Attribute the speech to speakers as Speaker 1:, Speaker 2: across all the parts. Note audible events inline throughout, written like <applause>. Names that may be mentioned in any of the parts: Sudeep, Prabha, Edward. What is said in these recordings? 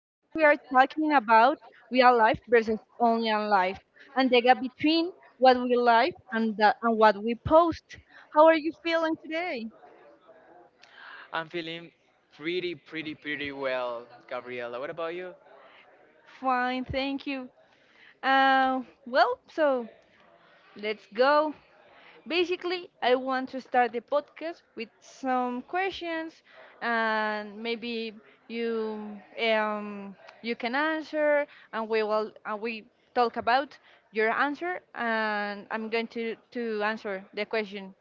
Speaker 1: Today we are talking about real life versus online life and the gap between what we like and, and what we post. How are you feeling today?
Speaker 2: I'm feeling pretty well, Gabriela. What about you?
Speaker 1: Fine, thank you. So let's go. Basically, I want to start the podcast with some questions, and maybe you um, you can answer, and we will and we talk about your answer, and I'm going to answer the question.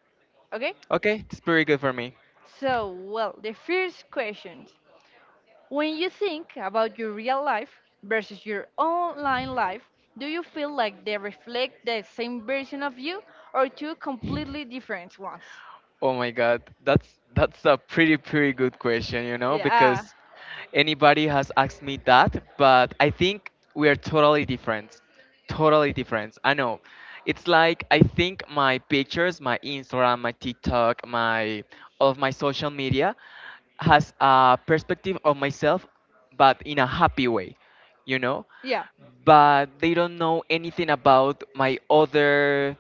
Speaker 1: Okay?
Speaker 2: Okay, it's pretty good for me.
Speaker 1: The first question: when you think about your real life versus your online life, do you feel like they reflect the same version of you, or two completely different ones?
Speaker 2: Oh my god, that's a pretty good question, you know,
Speaker 1: Yeah,
Speaker 2: because anybody has asked me that, but I think we are totally different. Totally different. I know. It's like I think my pictures, my Instagram, my TikTok, my all of my social media has a perspective of myself but in a happy way, you know?
Speaker 1: yeah,
Speaker 2: But they don't know anything about my other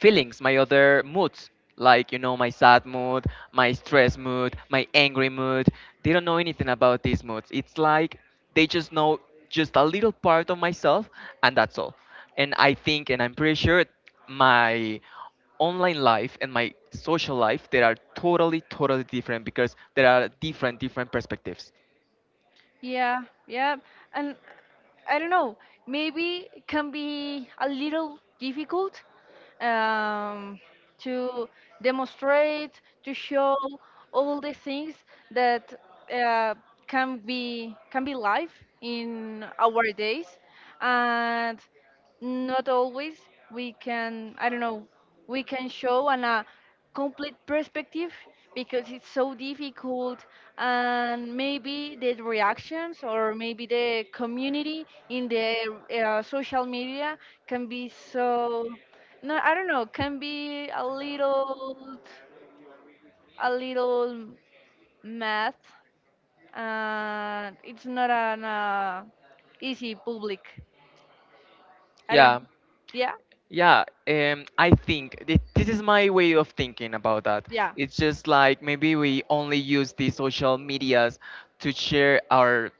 Speaker 2: feelings, my other moods, like, you know, my sad mood, my stress mood, my angry mood. They don't know anything about these moods. It's like they just know just a little part of myself, and that's all. And I think, and I'm pretty sure, my online life and my social life they are totally totally different because there are different different perspectives
Speaker 1: yeah, yeah. And I don't know, maybe it can be a little difficult um, to demonstrate, to show all the things that uh, can be live in our days. And not always we can, I don't know, we can show on a complete perspective because it's so difficult, and maybe the reactions or maybe the community in the social media can be so, no, I don't know, can be a little, a little mad. And it's not an easy public. I don't.
Speaker 2: yeah.
Speaker 1: Yeah
Speaker 2: Yeah, I think this is my way of thinking about that.
Speaker 1: yeah.
Speaker 2: It's just like maybe we only use the social medias to share our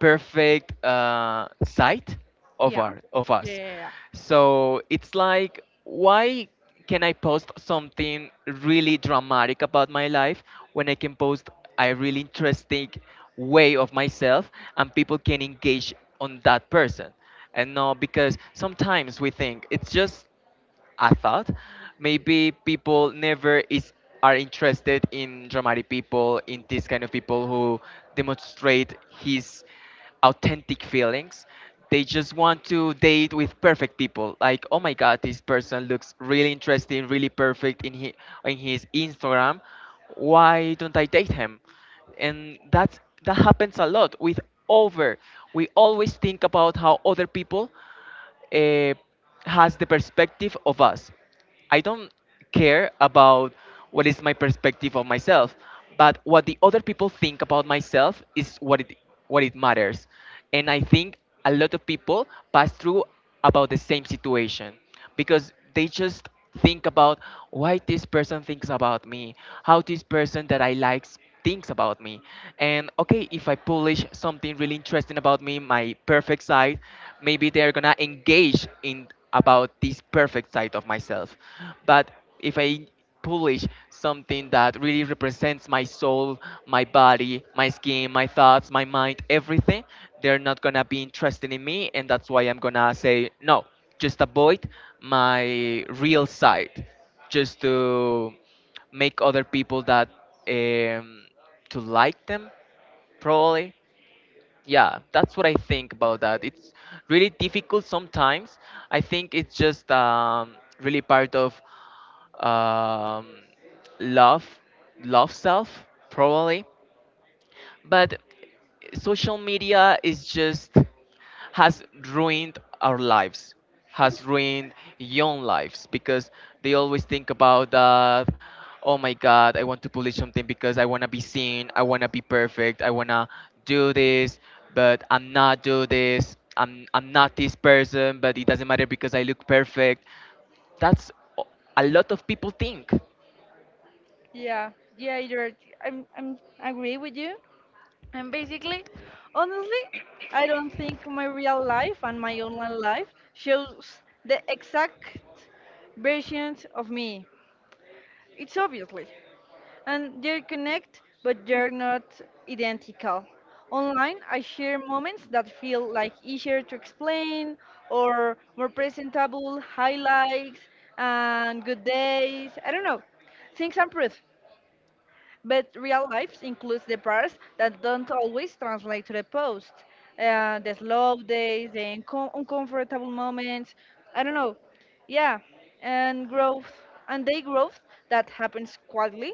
Speaker 2: perfect side of
Speaker 1: Yeah.
Speaker 2: our of
Speaker 1: Yeah,
Speaker 2: us.
Speaker 1: yeah, yeah.
Speaker 2: So it's like, why can I post something really dramatic about my life when I can post a really interesting way of myself and people can engage on that person? And no, because sometimes we think it's just I thought maybe people never is are interested in dramatic people, in this kind of people who demonstrate his authentic feelings. They just want to date with perfect people. Like, oh my god, this person looks really interesting, really perfect in his Instagram. Why don't I date him? And that happens a lot with over we always think about how other people uh, has the perspective of us. I don't care about what is my perspective of myself, but what the other people think about myself is what it matters. And I think a lot of people pass through about the same situation because they just think about why this person thinks about me, how this person that I like thinks about me. And okay, if I publish something really interesting about me, my perfect side, maybe they're gonna engage in about this perfect side of myself. But if I publish something that really represents my soul, my body, my skin, my thoughts, my mind, everything, they're not gonna be interested in me, and that's why I'm gonna say no. Just avoid my real side, just to make other people that um, to like them, probably. Yeah, that's what I think about that. It's really difficult sometimes. I think it's just really part of um, love love self probably but social media is just has ruined our lives has ruined young lives because they always think about that oh my god I want to publish something because I want to be seen I want to be perfect I want to do this but I'm not do this I'm not this person but it doesn't matter because I look perfect that's a lot of people think.
Speaker 1: Yeah, yeah, you're, I'm I agree with you. And basically, honestly, I don't think my real life and my online life shows the exact versions of me. It's obviously. And they connect, but they're not identical. Online, I share moments that feel like easier to explain or more presentable, highlights and good days. I don't know. Things improve, but real life includes the parts that don't always translate to the post. The slow days, the uncomfortable moments. I don't know. Yeah, and growth, and they growth that happens quietly.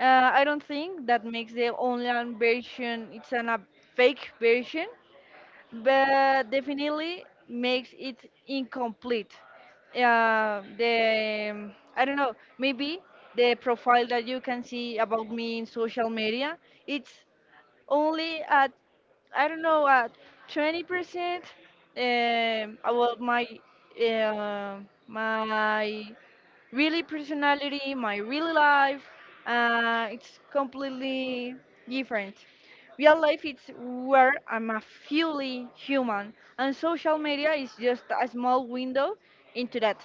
Speaker 1: I don't think that makes the online version a fake version, but definitely makes it incomplete. The I don't know, maybe the profile that you can see about me in social media, it's only at, I don't know, at 20% about uh, my really personality, my real life. It's completely different. Real life is where I'm a fully human, and social media is just a small window into that.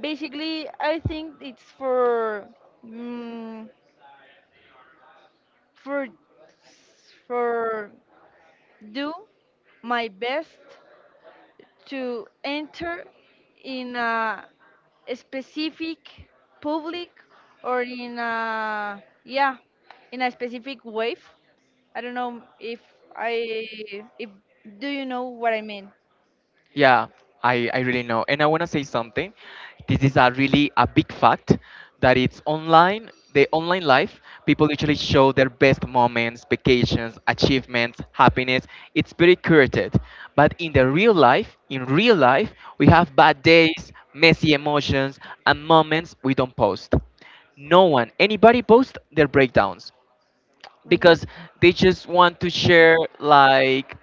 Speaker 1: Basically, I think it's for mm, for for do my best to enter in a specific public or in a, yeah, in a specific wave. I don't know if i if Do you know what I mean?
Speaker 2: Yeah, I really know. And I want to say something. This is a really a big fact that it's online, the online life, people literally show their best moments, vacations, achievements, happiness. It's very curated. But in the real life, in real life, we have bad days, messy emotions, and moments we don't post no one, anybody post their breakdowns because they just want to share like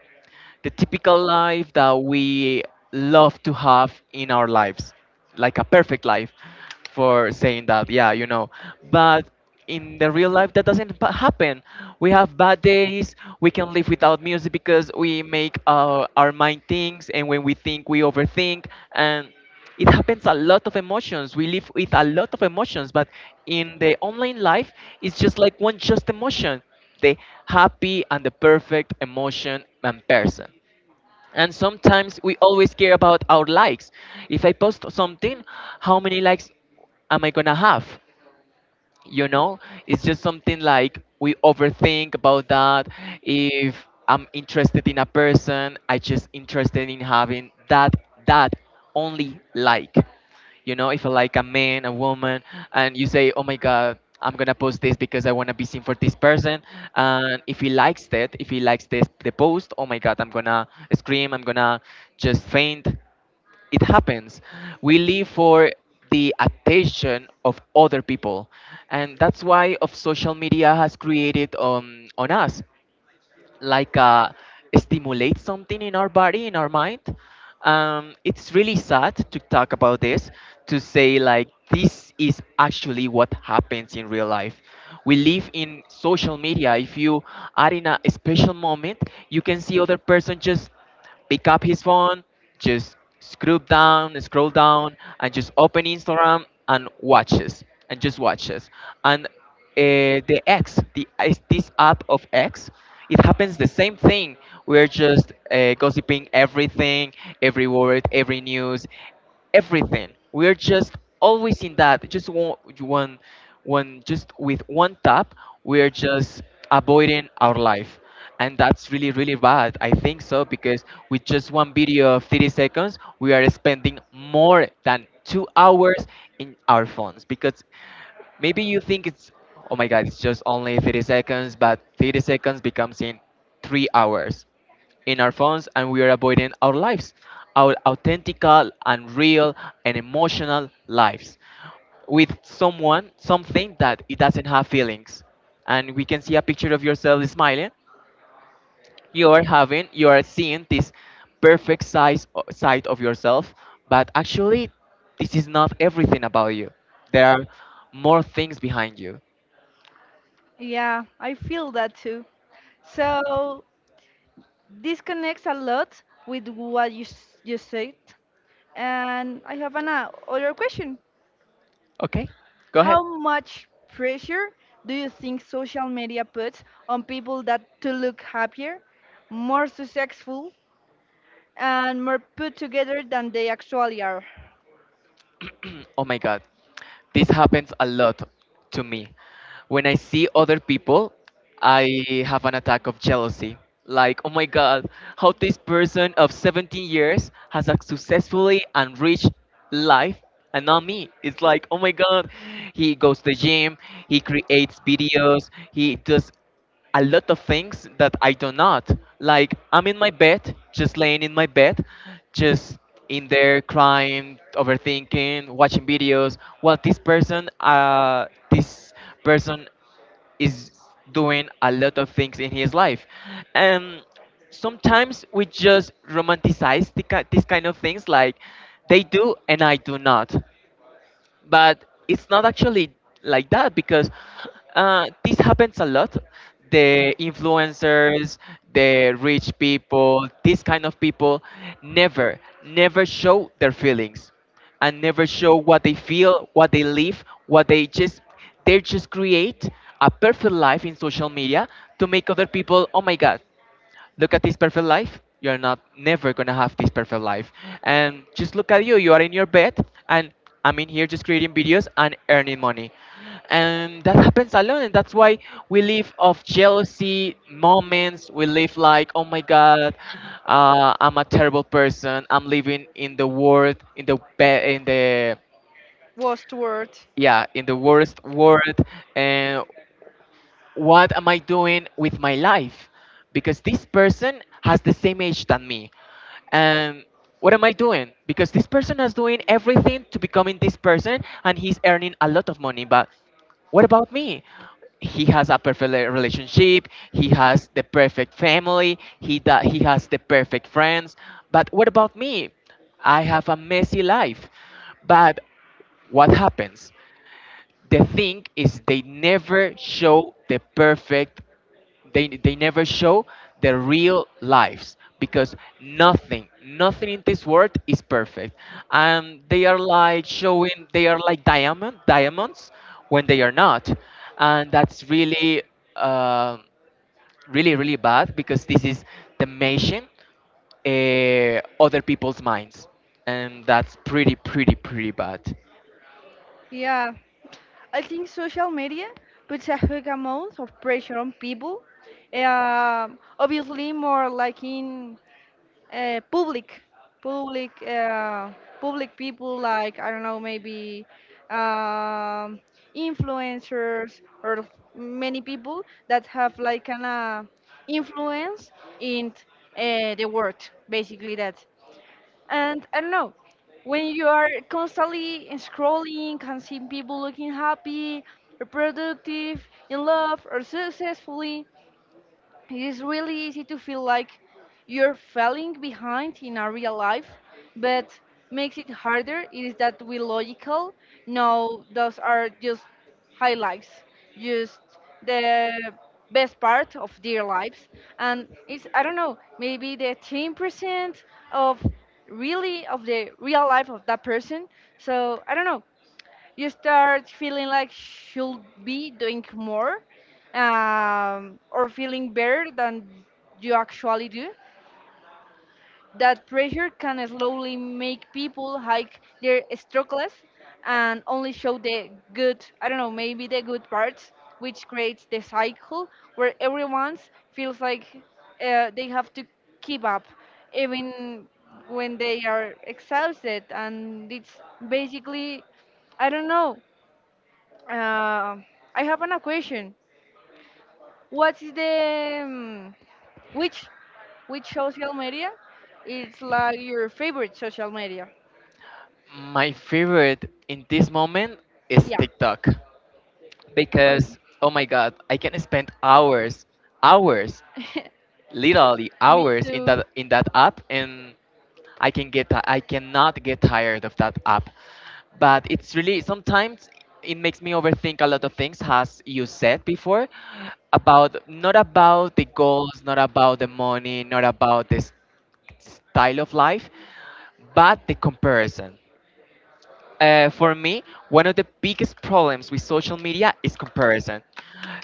Speaker 2: the typical life that we love to have in our lives, like a perfect life, for saying that, yeah, you know. But in the real life, that doesn't pa- happen. We have bad days. We can live without music because we make our mind things, and when we think, we overthink, and it happens a lot of emotions we live with a lot of emotions but in the online life it's just like one just emotion the happy and the perfect emotion and person and sometimes we always care about our likes if I post something how many likes am I gonna have you know it's just something like we overthink about that if I'm interested in a person I just interested in having that only like you know if I like a man a woman and you say oh my god I'm gonna post this because I want to be seen for this person and if he likes that if he likes this the post oh my god I'm gonna scream I'm gonna just faint it happens. We live for the attention of other people, and that's why of social media has created on us like stimulate something in our body, in our mind. It's really sad to talk about this, to say like this is actually what happens in real life. We live in social media. If you are in a special moment, you can see other person just pick up his phone, just scroll down, and just open Instagram and watches and just watches. And the X, the is this app of X, it happens the same thing. We're just gossiping everything, every word, every news everything. We are just always in that. Just one just with one tap, we are just avoiding our life. And that's really, really bad. I think so because with just one video of 30 seconds, we are spending more than 2 hours in our phones because maybe you think it's oh my god it's just only 30 seconds but 30 seconds becomes in 3 hours in our phones and we are avoiding our lives, our authentical and real and emotional lives with someone, something that it doesn't have feelings. And we can see a picture of yourself smiling. You are having, you are seeing this perfect side of yourself, but actually, this is not everything about you. There are more things behind you.
Speaker 1: Yeah, I feel that too. So this connects a lot with what you said, and I have an other question.
Speaker 2: Okay, go ahead.
Speaker 1: How much pressure do you think social media puts on people that to look happier, more successful, and more put together than they actually are?
Speaker 2: <clears throat> Oh my god this happens a lot to me when I see other people I have an attack of jealousy like oh my god how this person of 17 years has a successfully and rich life and not me it's like oh my god he goes to the gym he creates videos he does a lot of things that I do not. Like I'm in my bed, just laying in my bed, just in there crying, overthinking, watching videos. Well, this person, this person is doing a lot of things in his life, and sometimes we just romanticize these kind of things like they do and I do not but it's not actually like that because this happens a lot. The influencers, the rich people, these kind of people never, never show their feelings and never show what they feel, what they live, what they just create a perfect life in social media to make other people, oh my god, look at this perfect life you're not never gonna have this perfect life and just look at you you are in your bed and I'm in here just creating videos and earning money and that happens a lot and that's why we live of jealousy moments we live like oh my god I'm a terrible person I'm living in the world in the
Speaker 1: Worst word.
Speaker 2: yeah in the worst world and what am I doing with my life? Because this person has the same age than me. And what am I doing? Because this person is doing everything to becoming this person and he's earning a lot of money. But what about me? He has a perfect relationship, he has the perfect family, he has the perfect friends. But what about me? I have a messy life. But what happens? The thing is they never show the perfect they never show the real lives because nothing in this world is perfect and they are like showing they are like diamonds when they are not and that's really um really bad because this is damaging other people's minds and that's pretty bad.
Speaker 1: Yeah, I think social media puts a huge amount of pressure on people. Um, obviously, more like in uh, public, public, uh, public people, like, I don't know, maybe um, influencers or many people that have like an influence in the world. Basically, that. And I don't know, when you are constantly scrolling and seeing people looking happy or productive, in love or successfully, it is really easy to feel like you're falling behind in our real life. But makes it harder is that, we logical, no, those are just highlights, just the best part of their lives, and it's, I don't know, maybe the 10% of really of the real life of that person. So, I don't know, you start feeling like should be doing more, or feeling better than you actually do. That pressure can slowly make people hike their struggles and only show the good, I don't know, maybe the good parts, which creates the cycle where everyone feels like they have to keep up even when they are exhausted. And it's basically, I don't know, uh, I have an question. What is the which which social media is like your favorite social media?
Speaker 2: My favorite in this moment is
Speaker 1: Yeah.
Speaker 2: TikTok
Speaker 1: Um,
Speaker 2: because oh my god, I can spend hours, hours, literally
Speaker 1: <laughs> me
Speaker 2: hours
Speaker 1: too.
Speaker 2: in that app and I can I cannot get tired of that app. But it's really sometimes it makes me overthink a lot of things as you said before about not about the goals, not about the money, not about this style of life, but the comparison. For me, one of the biggest problems with social media is comparison.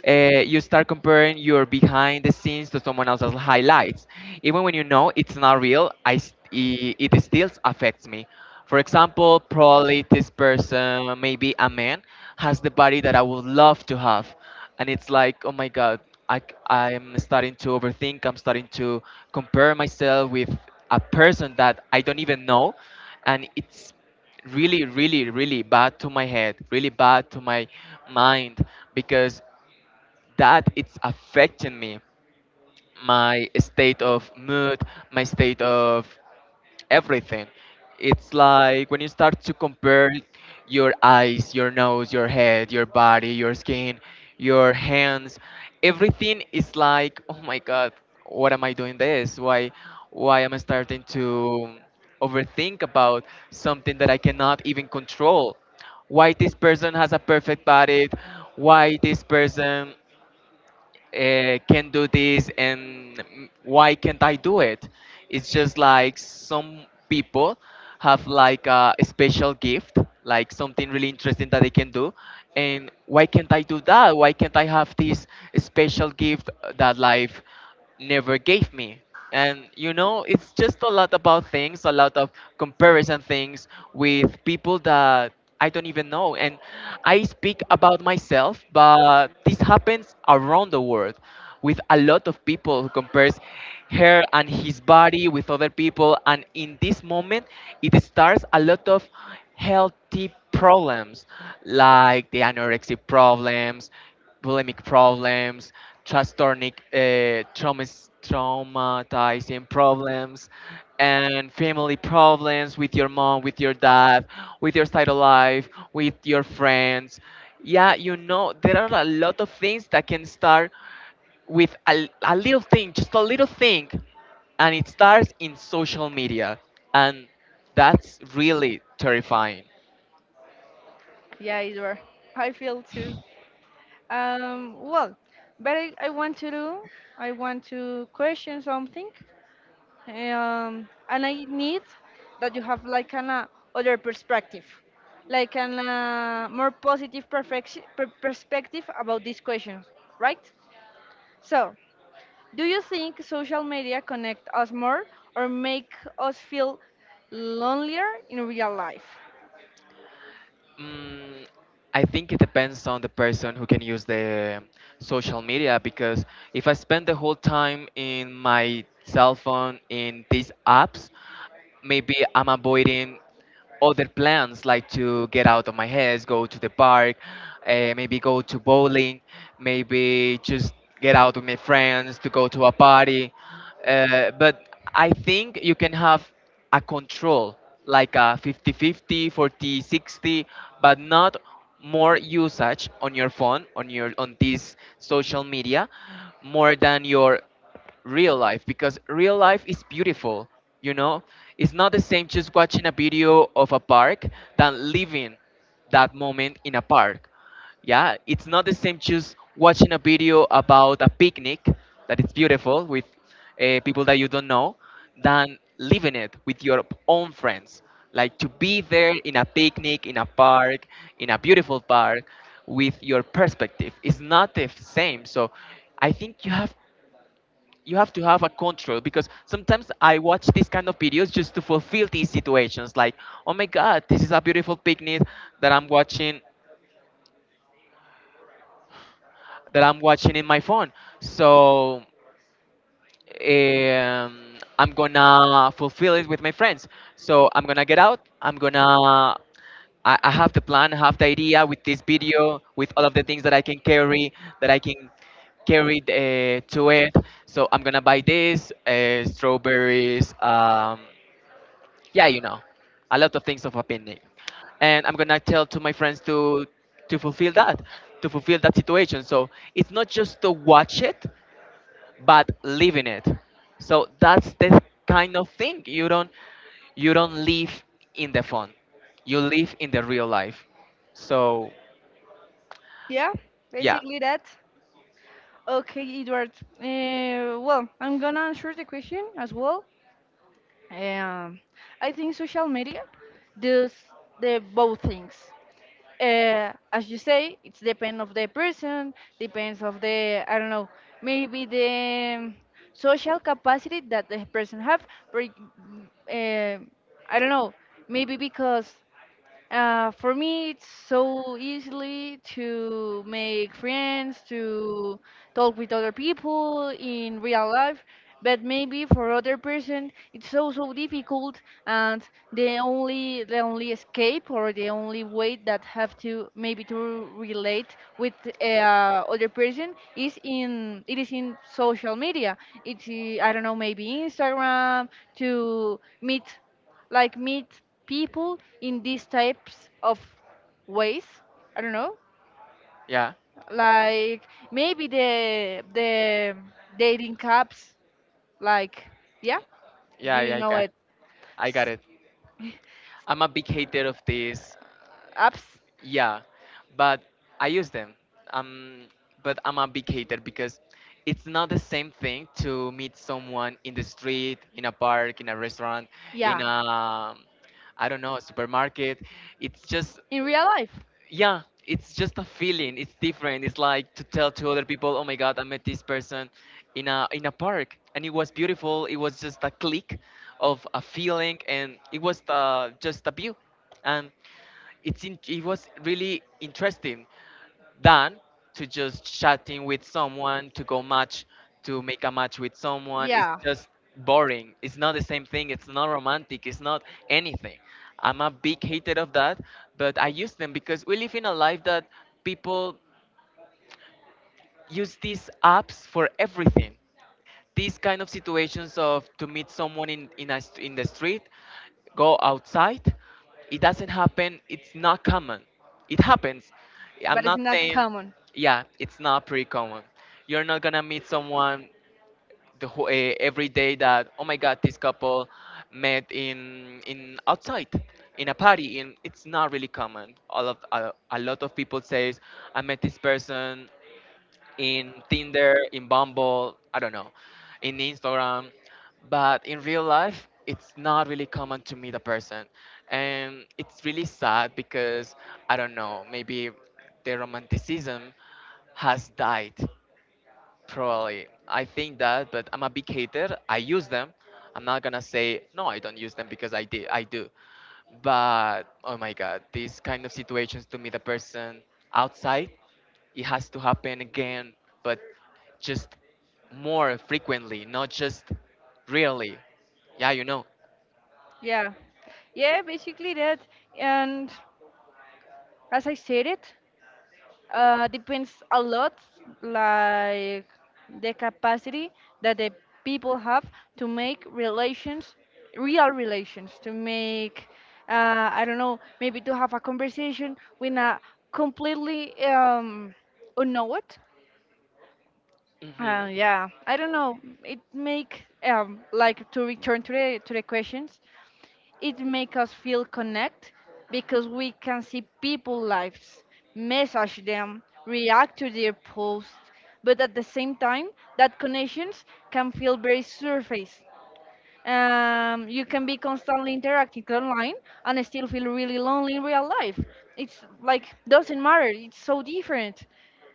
Speaker 2: You start comparing your behind the scenes to someone else's highlights. Even when you know it's not real, it still affects me. For example, probably this person, maybe a man, has the body that I would love to have. And it's like, oh my God, I am starting to overthink. I'm starting to compare myself with a person that I don't even know. And it's really bad to my head, really bad to my mind, because that it's affecting me, my state of mood, my state of everything. It's like when you start to compare your eyes, your nose, your head, your body, your skin, your hands, everything is like, oh my god, what am I doing this? Why am I starting to overthink about something that I cannot even control? Why this person has a perfect body? Why this person can do this and why can't I do it? It's just like some people have like a special gift, like something really interesting that they can do. And why can't I do that? Why can't I have this special gift that life never gave me. And you know, it's just a lot about things, a lot of comparison things with people that I don't even know. And I speak about myself, but this happens around the world with a lot of people who compares her and his body with other people, and in this moment it starts a lot of healthy problems, like the anorexia problems, bulimic problems, transtornic, traumas, traumatizing problems, and family problems with your mom, with your dad, with your side of life, with your friends. Yeah, you know, there are a lot of things that can start with a little thing, just a little thing, and it starts in social media. And that's really terrifying.
Speaker 1: Yeah, it's where I feel too. Well, but I want to do. I want to question something. Um, and I need that you have like an other perspective, like an more positive perfection, per perspective about these questions, right? So, do you think social media connect us more or make us feel lonelier in real life?
Speaker 2: Mm, I think it depends on the person who can use the social media, because if I spend the whole time in my cell phone in these apps, maybe I'm avoiding other plans, like to get out of my house, go to the park, maybe go to bowling, maybe just get out with my friends to go to a party. But I think you can have a control, like a 50-50, 40-60, but not more usage on your phone, on your, on this social media, more than your real life, because real life is beautiful, you know. It's not the same just watching a video of a park than living that moment in a park. Yeah, it's not the same just watching a video about a picnic that is beautiful with people that you don't know, than living it with your own friends. Like to be there in a picnic, in a park, in a beautiful park, with your perspective. It's not the same. So I think you have to have a control, because sometimes I watch these kind of videos just to fulfill these situations. Like, oh my God, this is a beautiful picnic that I'm watching, that I'm watching in my phone. So I'm gonna fulfill it with my friends. So I'm gonna get out. I'm gonna, I have the plan. I have the idea with this video, with all of the things that I can carry, that I can carry to it. So I'm gonna buy this strawberries. Yeah, you know, a lot of things of opinion. And I'm gonna tell to my friends to fulfill that, to fulfill that situation. So it's not just to watch it, but live in it. So that's the kind of thing you don't, you don't live in the phone, you live in the real life. So
Speaker 1: Yeah,
Speaker 2: yeah,
Speaker 1: basically that. Okay, Edward. Well, I'm gonna answer the question as well. Um, I think social media does the both things. Uh, as you say, it's depend of the person, depends of the, I don't know, maybe the social capacity that the person have. For, I don't know, maybe because, for me, it's so easily to make friends, to talk with other people in real life, but maybe for other person, it's so so difficult, and the only escape or the only way that have to maybe to relate with other person is in it is in social media. It's, I don't know, maybe Instagram, to meet, like meet people in these types of ways. I don't know,
Speaker 2: yeah,
Speaker 1: like maybe the dating apps, like, yeah, do
Speaker 2: yeah,
Speaker 1: you
Speaker 2: yeah.
Speaker 1: know it?
Speaker 2: I got
Speaker 1: S-
Speaker 2: it.
Speaker 1: <laughs>
Speaker 2: I'm a big hater of this.
Speaker 1: Apps.
Speaker 2: Yeah, but I use them. Um, but I'm a big hater because it's not the same thing to meet someone in the street, in a park, in a restaurant, in
Speaker 1: Yeah,
Speaker 2: a, I don't know, supermarket. It's just,
Speaker 1: in real life.
Speaker 2: yeah, it's just a feeling. It's different. It's like to tell to other people, oh my God, I met this person in a park, and it was beautiful. It was just a click of a feeling, and it was just a view. And it was really interesting than to just chatting with someone, to go match, to make a match with someone. It's
Speaker 1: Yeah.
Speaker 2: just boring. It's not the same thing. It's not romantic. It's not anything. I'm a big hater of that, but I use them because we live in a life that people use these apps for everything. These kind of situations of to meet someone in in the street, go outside, it doesn't happen. It's not common. It happens, I'm
Speaker 1: But it's
Speaker 2: not
Speaker 1: not
Speaker 2: saying.
Speaker 1: common.
Speaker 2: Yeah, it's not pretty common. You're not gonna meet someone every day that, oh my god, this couple met in outside, in a party in. It's not really common. All of a lot of people says, I met this person in Tinder, in Bumble, I don't know, in Instagram. But in real life, it's not really common to meet a person. And it's really sad because, I don't know, maybe the romanticism has died, probably. I think that, but I'm a big hater. I use them. I'm not gonna say no, I don't use them, because I do. But oh my god, these kind of situations to meet a person outside, it has to happen again, but just more frequently, not just really. Yeah, you know.
Speaker 1: Yeah. Yeah, basically that. And as I said it, uh, depends a lot, like the capacity that the people have to make relations, real relations, to make, I don't know, maybe to have a conversation with a completely unknown.
Speaker 2: Hmm.
Speaker 1: Yeah, I don't know. It make, like to return to the questions. It makes us feel connect because we can see people lives, message them, react to their posts, but at the same time, that connections can feel very surface. You can be constantly interacting online and still feel really lonely in real life. It's like doesn't matter. It's so different,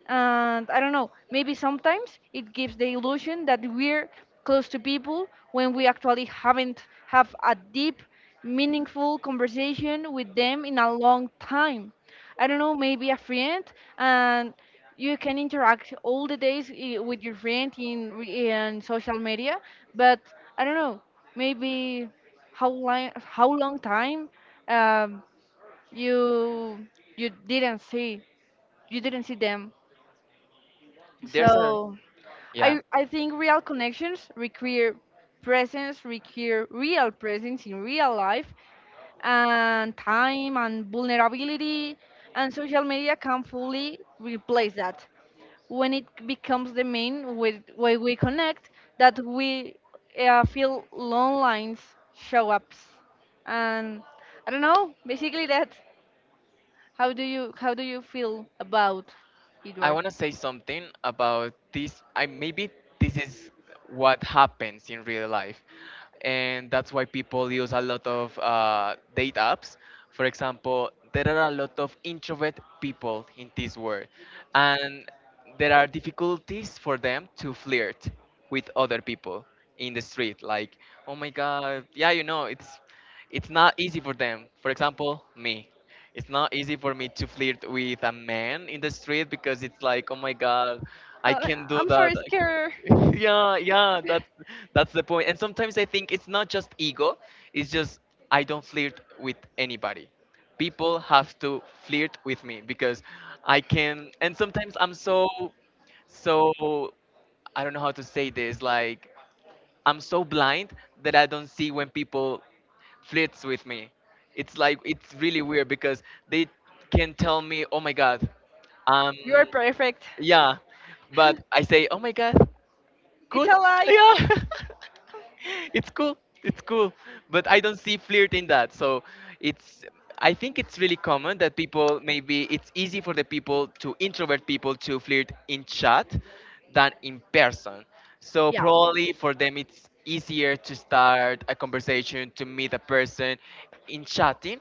Speaker 1: and I don't know. Maybe sometimes it gives the illusion that we're close to people when we actually haven't have a deep, meaningful conversation with them in a long time. I don't know, maybe a friend, and you can interact all the days, with your friend in social media, but I don't know, maybe how long time, um, you, you didn't see you didn't see them.
Speaker 2: There's a
Speaker 1: So
Speaker 2: Yeah.
Speaker 1: I think real connections require presence, require real presence in real life, and time and vulnerability, and social media can fully replace that. When it becomes the main with way we connect, that we feel long lines, show ups, and I don't know, basically that. How do you feel about,
Speaker 2: I
Speaker 1: Edward?
Speaker 2: want to say something about this. I, maybe this is what happens in real life, and that's why people use a lot of date apps. For example, there are a lot of introvert people in this world, and there are difficulties for them to flirt with other people in the street. Like, oh my God, yeah, you know, it's not easy for them. For example, me, it's not easy for me to flirt with a man in the street, because it's like, oh my god, I
Speaker 1: Uh,
Speaker 2: can do
Speaker 1: I'm
Speaker 2: that.
Speaker 1: sorry,
Speaker 2: I
Speaker 1: Scare.
Speaker 2: can- <laughs> Yeah, yeah, that's the point. And sometimes I think it's not just ego, it's just I don't flirt with anybody. People have to flirt with me, because I can, and sometimes I'm so I don't know how to say this, like I'm so blind that I don't see when people flirts with me. It's like, it's really weird, because they can tell me, "Oh my god, um,
Speaker 1: You are perfect.
Speaker 2: yeah," but I say, "Oh my god,
Speaker 1: It's
Speaker 2: cool,
Speaker 1: a lie.
Speaker 2: yeah." <laughs> It's cool, it's cool, but I don't see flirt in that. So it's, I think it's really common that people maybe it's easy for the people, to introvert people, to flirt in chat than in person. So probably for them it's easier to start a conversation, to meet a person in
Speaker 1: Yeah,
Speaker 2: chatting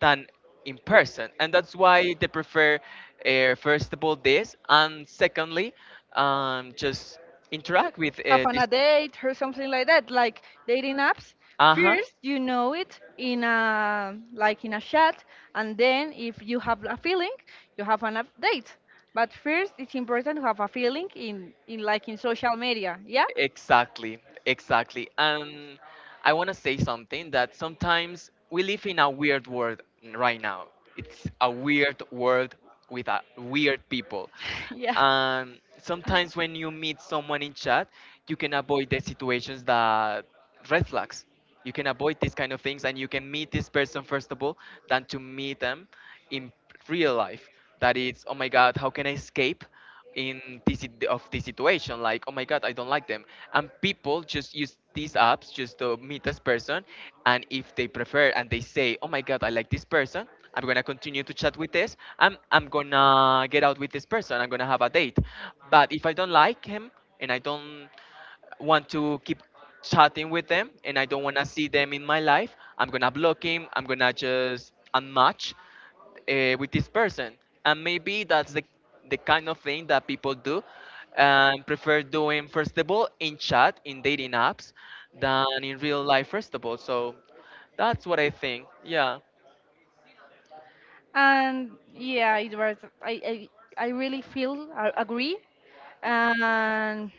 Speaker 2: than in person, and that's why they prefer, first of all this, and secondly, just interact with
Speaker 1: have an a
Speaker 2: this.
Speaker 1: date or something like that, like dating apps,
Speaker 2: Uh-huh.
Speaker 1: first you know it in a, like in a chat, and then if you have a feeling, you have an update, but first it's important to have a feeling in, like in social media, yeah.
Speaker 2: Exactly, exactly. And I want to say something that sometimes we live in a weird world right now. It's a weird world with a weird people.
Speaker 1: <laughs> Yeah.
Speaker 2: And sometimes when you meet someone in chat, you can avoid the situations that red flags. You can avoid these kind of things, and you can meet this person first of all than to meet them in real life. That is, oh my god, how can I escape? In this situation, like oh my god, I don't like them. And people just use these apps just to meet this person, and if they prefer and they say, oh my god, I like this person, I'm gonna continue to chat with this, I'm gonna get out with this person, I'm gonna have a date. But if I don't like him, and I don't want to keep chatting with them, and I don't want to see them in my life, I'm going to block him. I'm going to just unmatch with this person. And maybe that's the kind of thing that people do and prefer doing, first of all, in chat, in dating apps, than in real life, first of all. So that's what I think. Yeah.
Speaker 1: And yeah, it was. I really feel I agree. And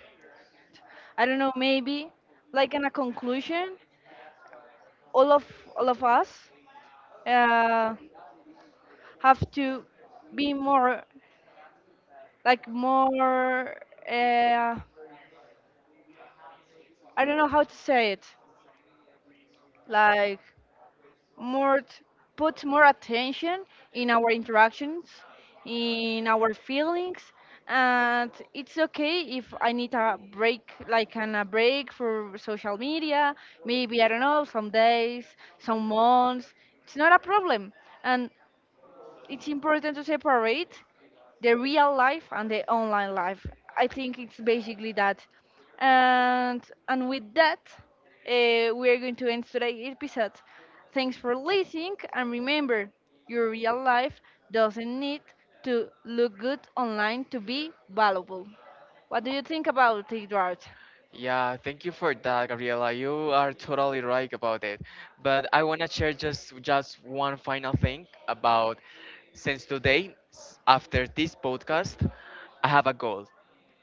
Speaker 1: I don't know, maybe like in a conclusion, all of all of us, uh, have to be more, like more. Uh, I don't know how to say it. Like more t- put more attention in our interactions, in our feelings, and it's okay if I need a break, like a break for social media. Maybe, I don't know, some days, some months. It's not a problem, and it's important to separate the real life and the online life. I think it's basically that. And with that, we are going to end today's episode. Thanks for listening, and remember, your real life doesn't need to look good online to be valuable. What do you think about it, Eduard?
Speaker 2: Yeah, thank you for that, Gabriela. You are totally right about it. But I want to share just one final thing about, since today, after this podcast, I have a goal,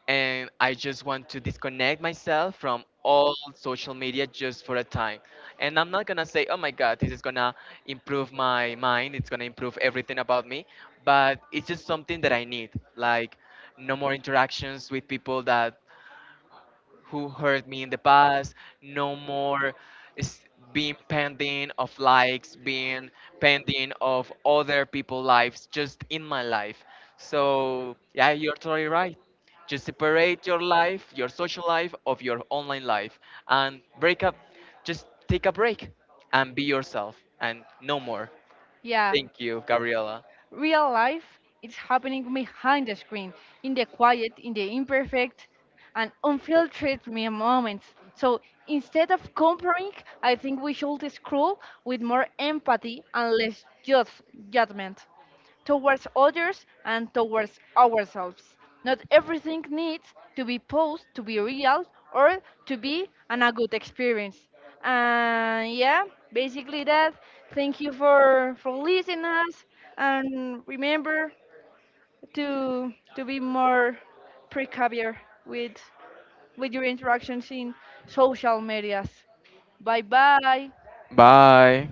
Speaker 2: and I just want to disconnect myself from all social media just for a time. And I'm not gonna say, oh my god, this is gonna improve my mind, it's gonna improve everything about me, but it's just something that I need. Like, no more interactions with people that who hurt me in the past, no more is being pending of likes, being pending of other people's lives, just in my life. So yeah, you're totally right. Just separate your life, your social life, of your online life, and break up. Just take a break and be yourself and no more.
Speaker 1: Yeah.
Speaker 2: Thank you, Gabriela.
Speaker 1: Real life is happening behind the screen, in the quiet, in the imperfect, and unfiltered moments. So instead of comparing, I think we should scroll with more empathy and less judgment towards others and towards ourselves. Not everything needs to be posed to be real or to be a good experience. And yeah, basically that. Thank you for listening us and remember to be more precavure with with your interactions in social medias. Bye bye.
Speaker 2: Bye.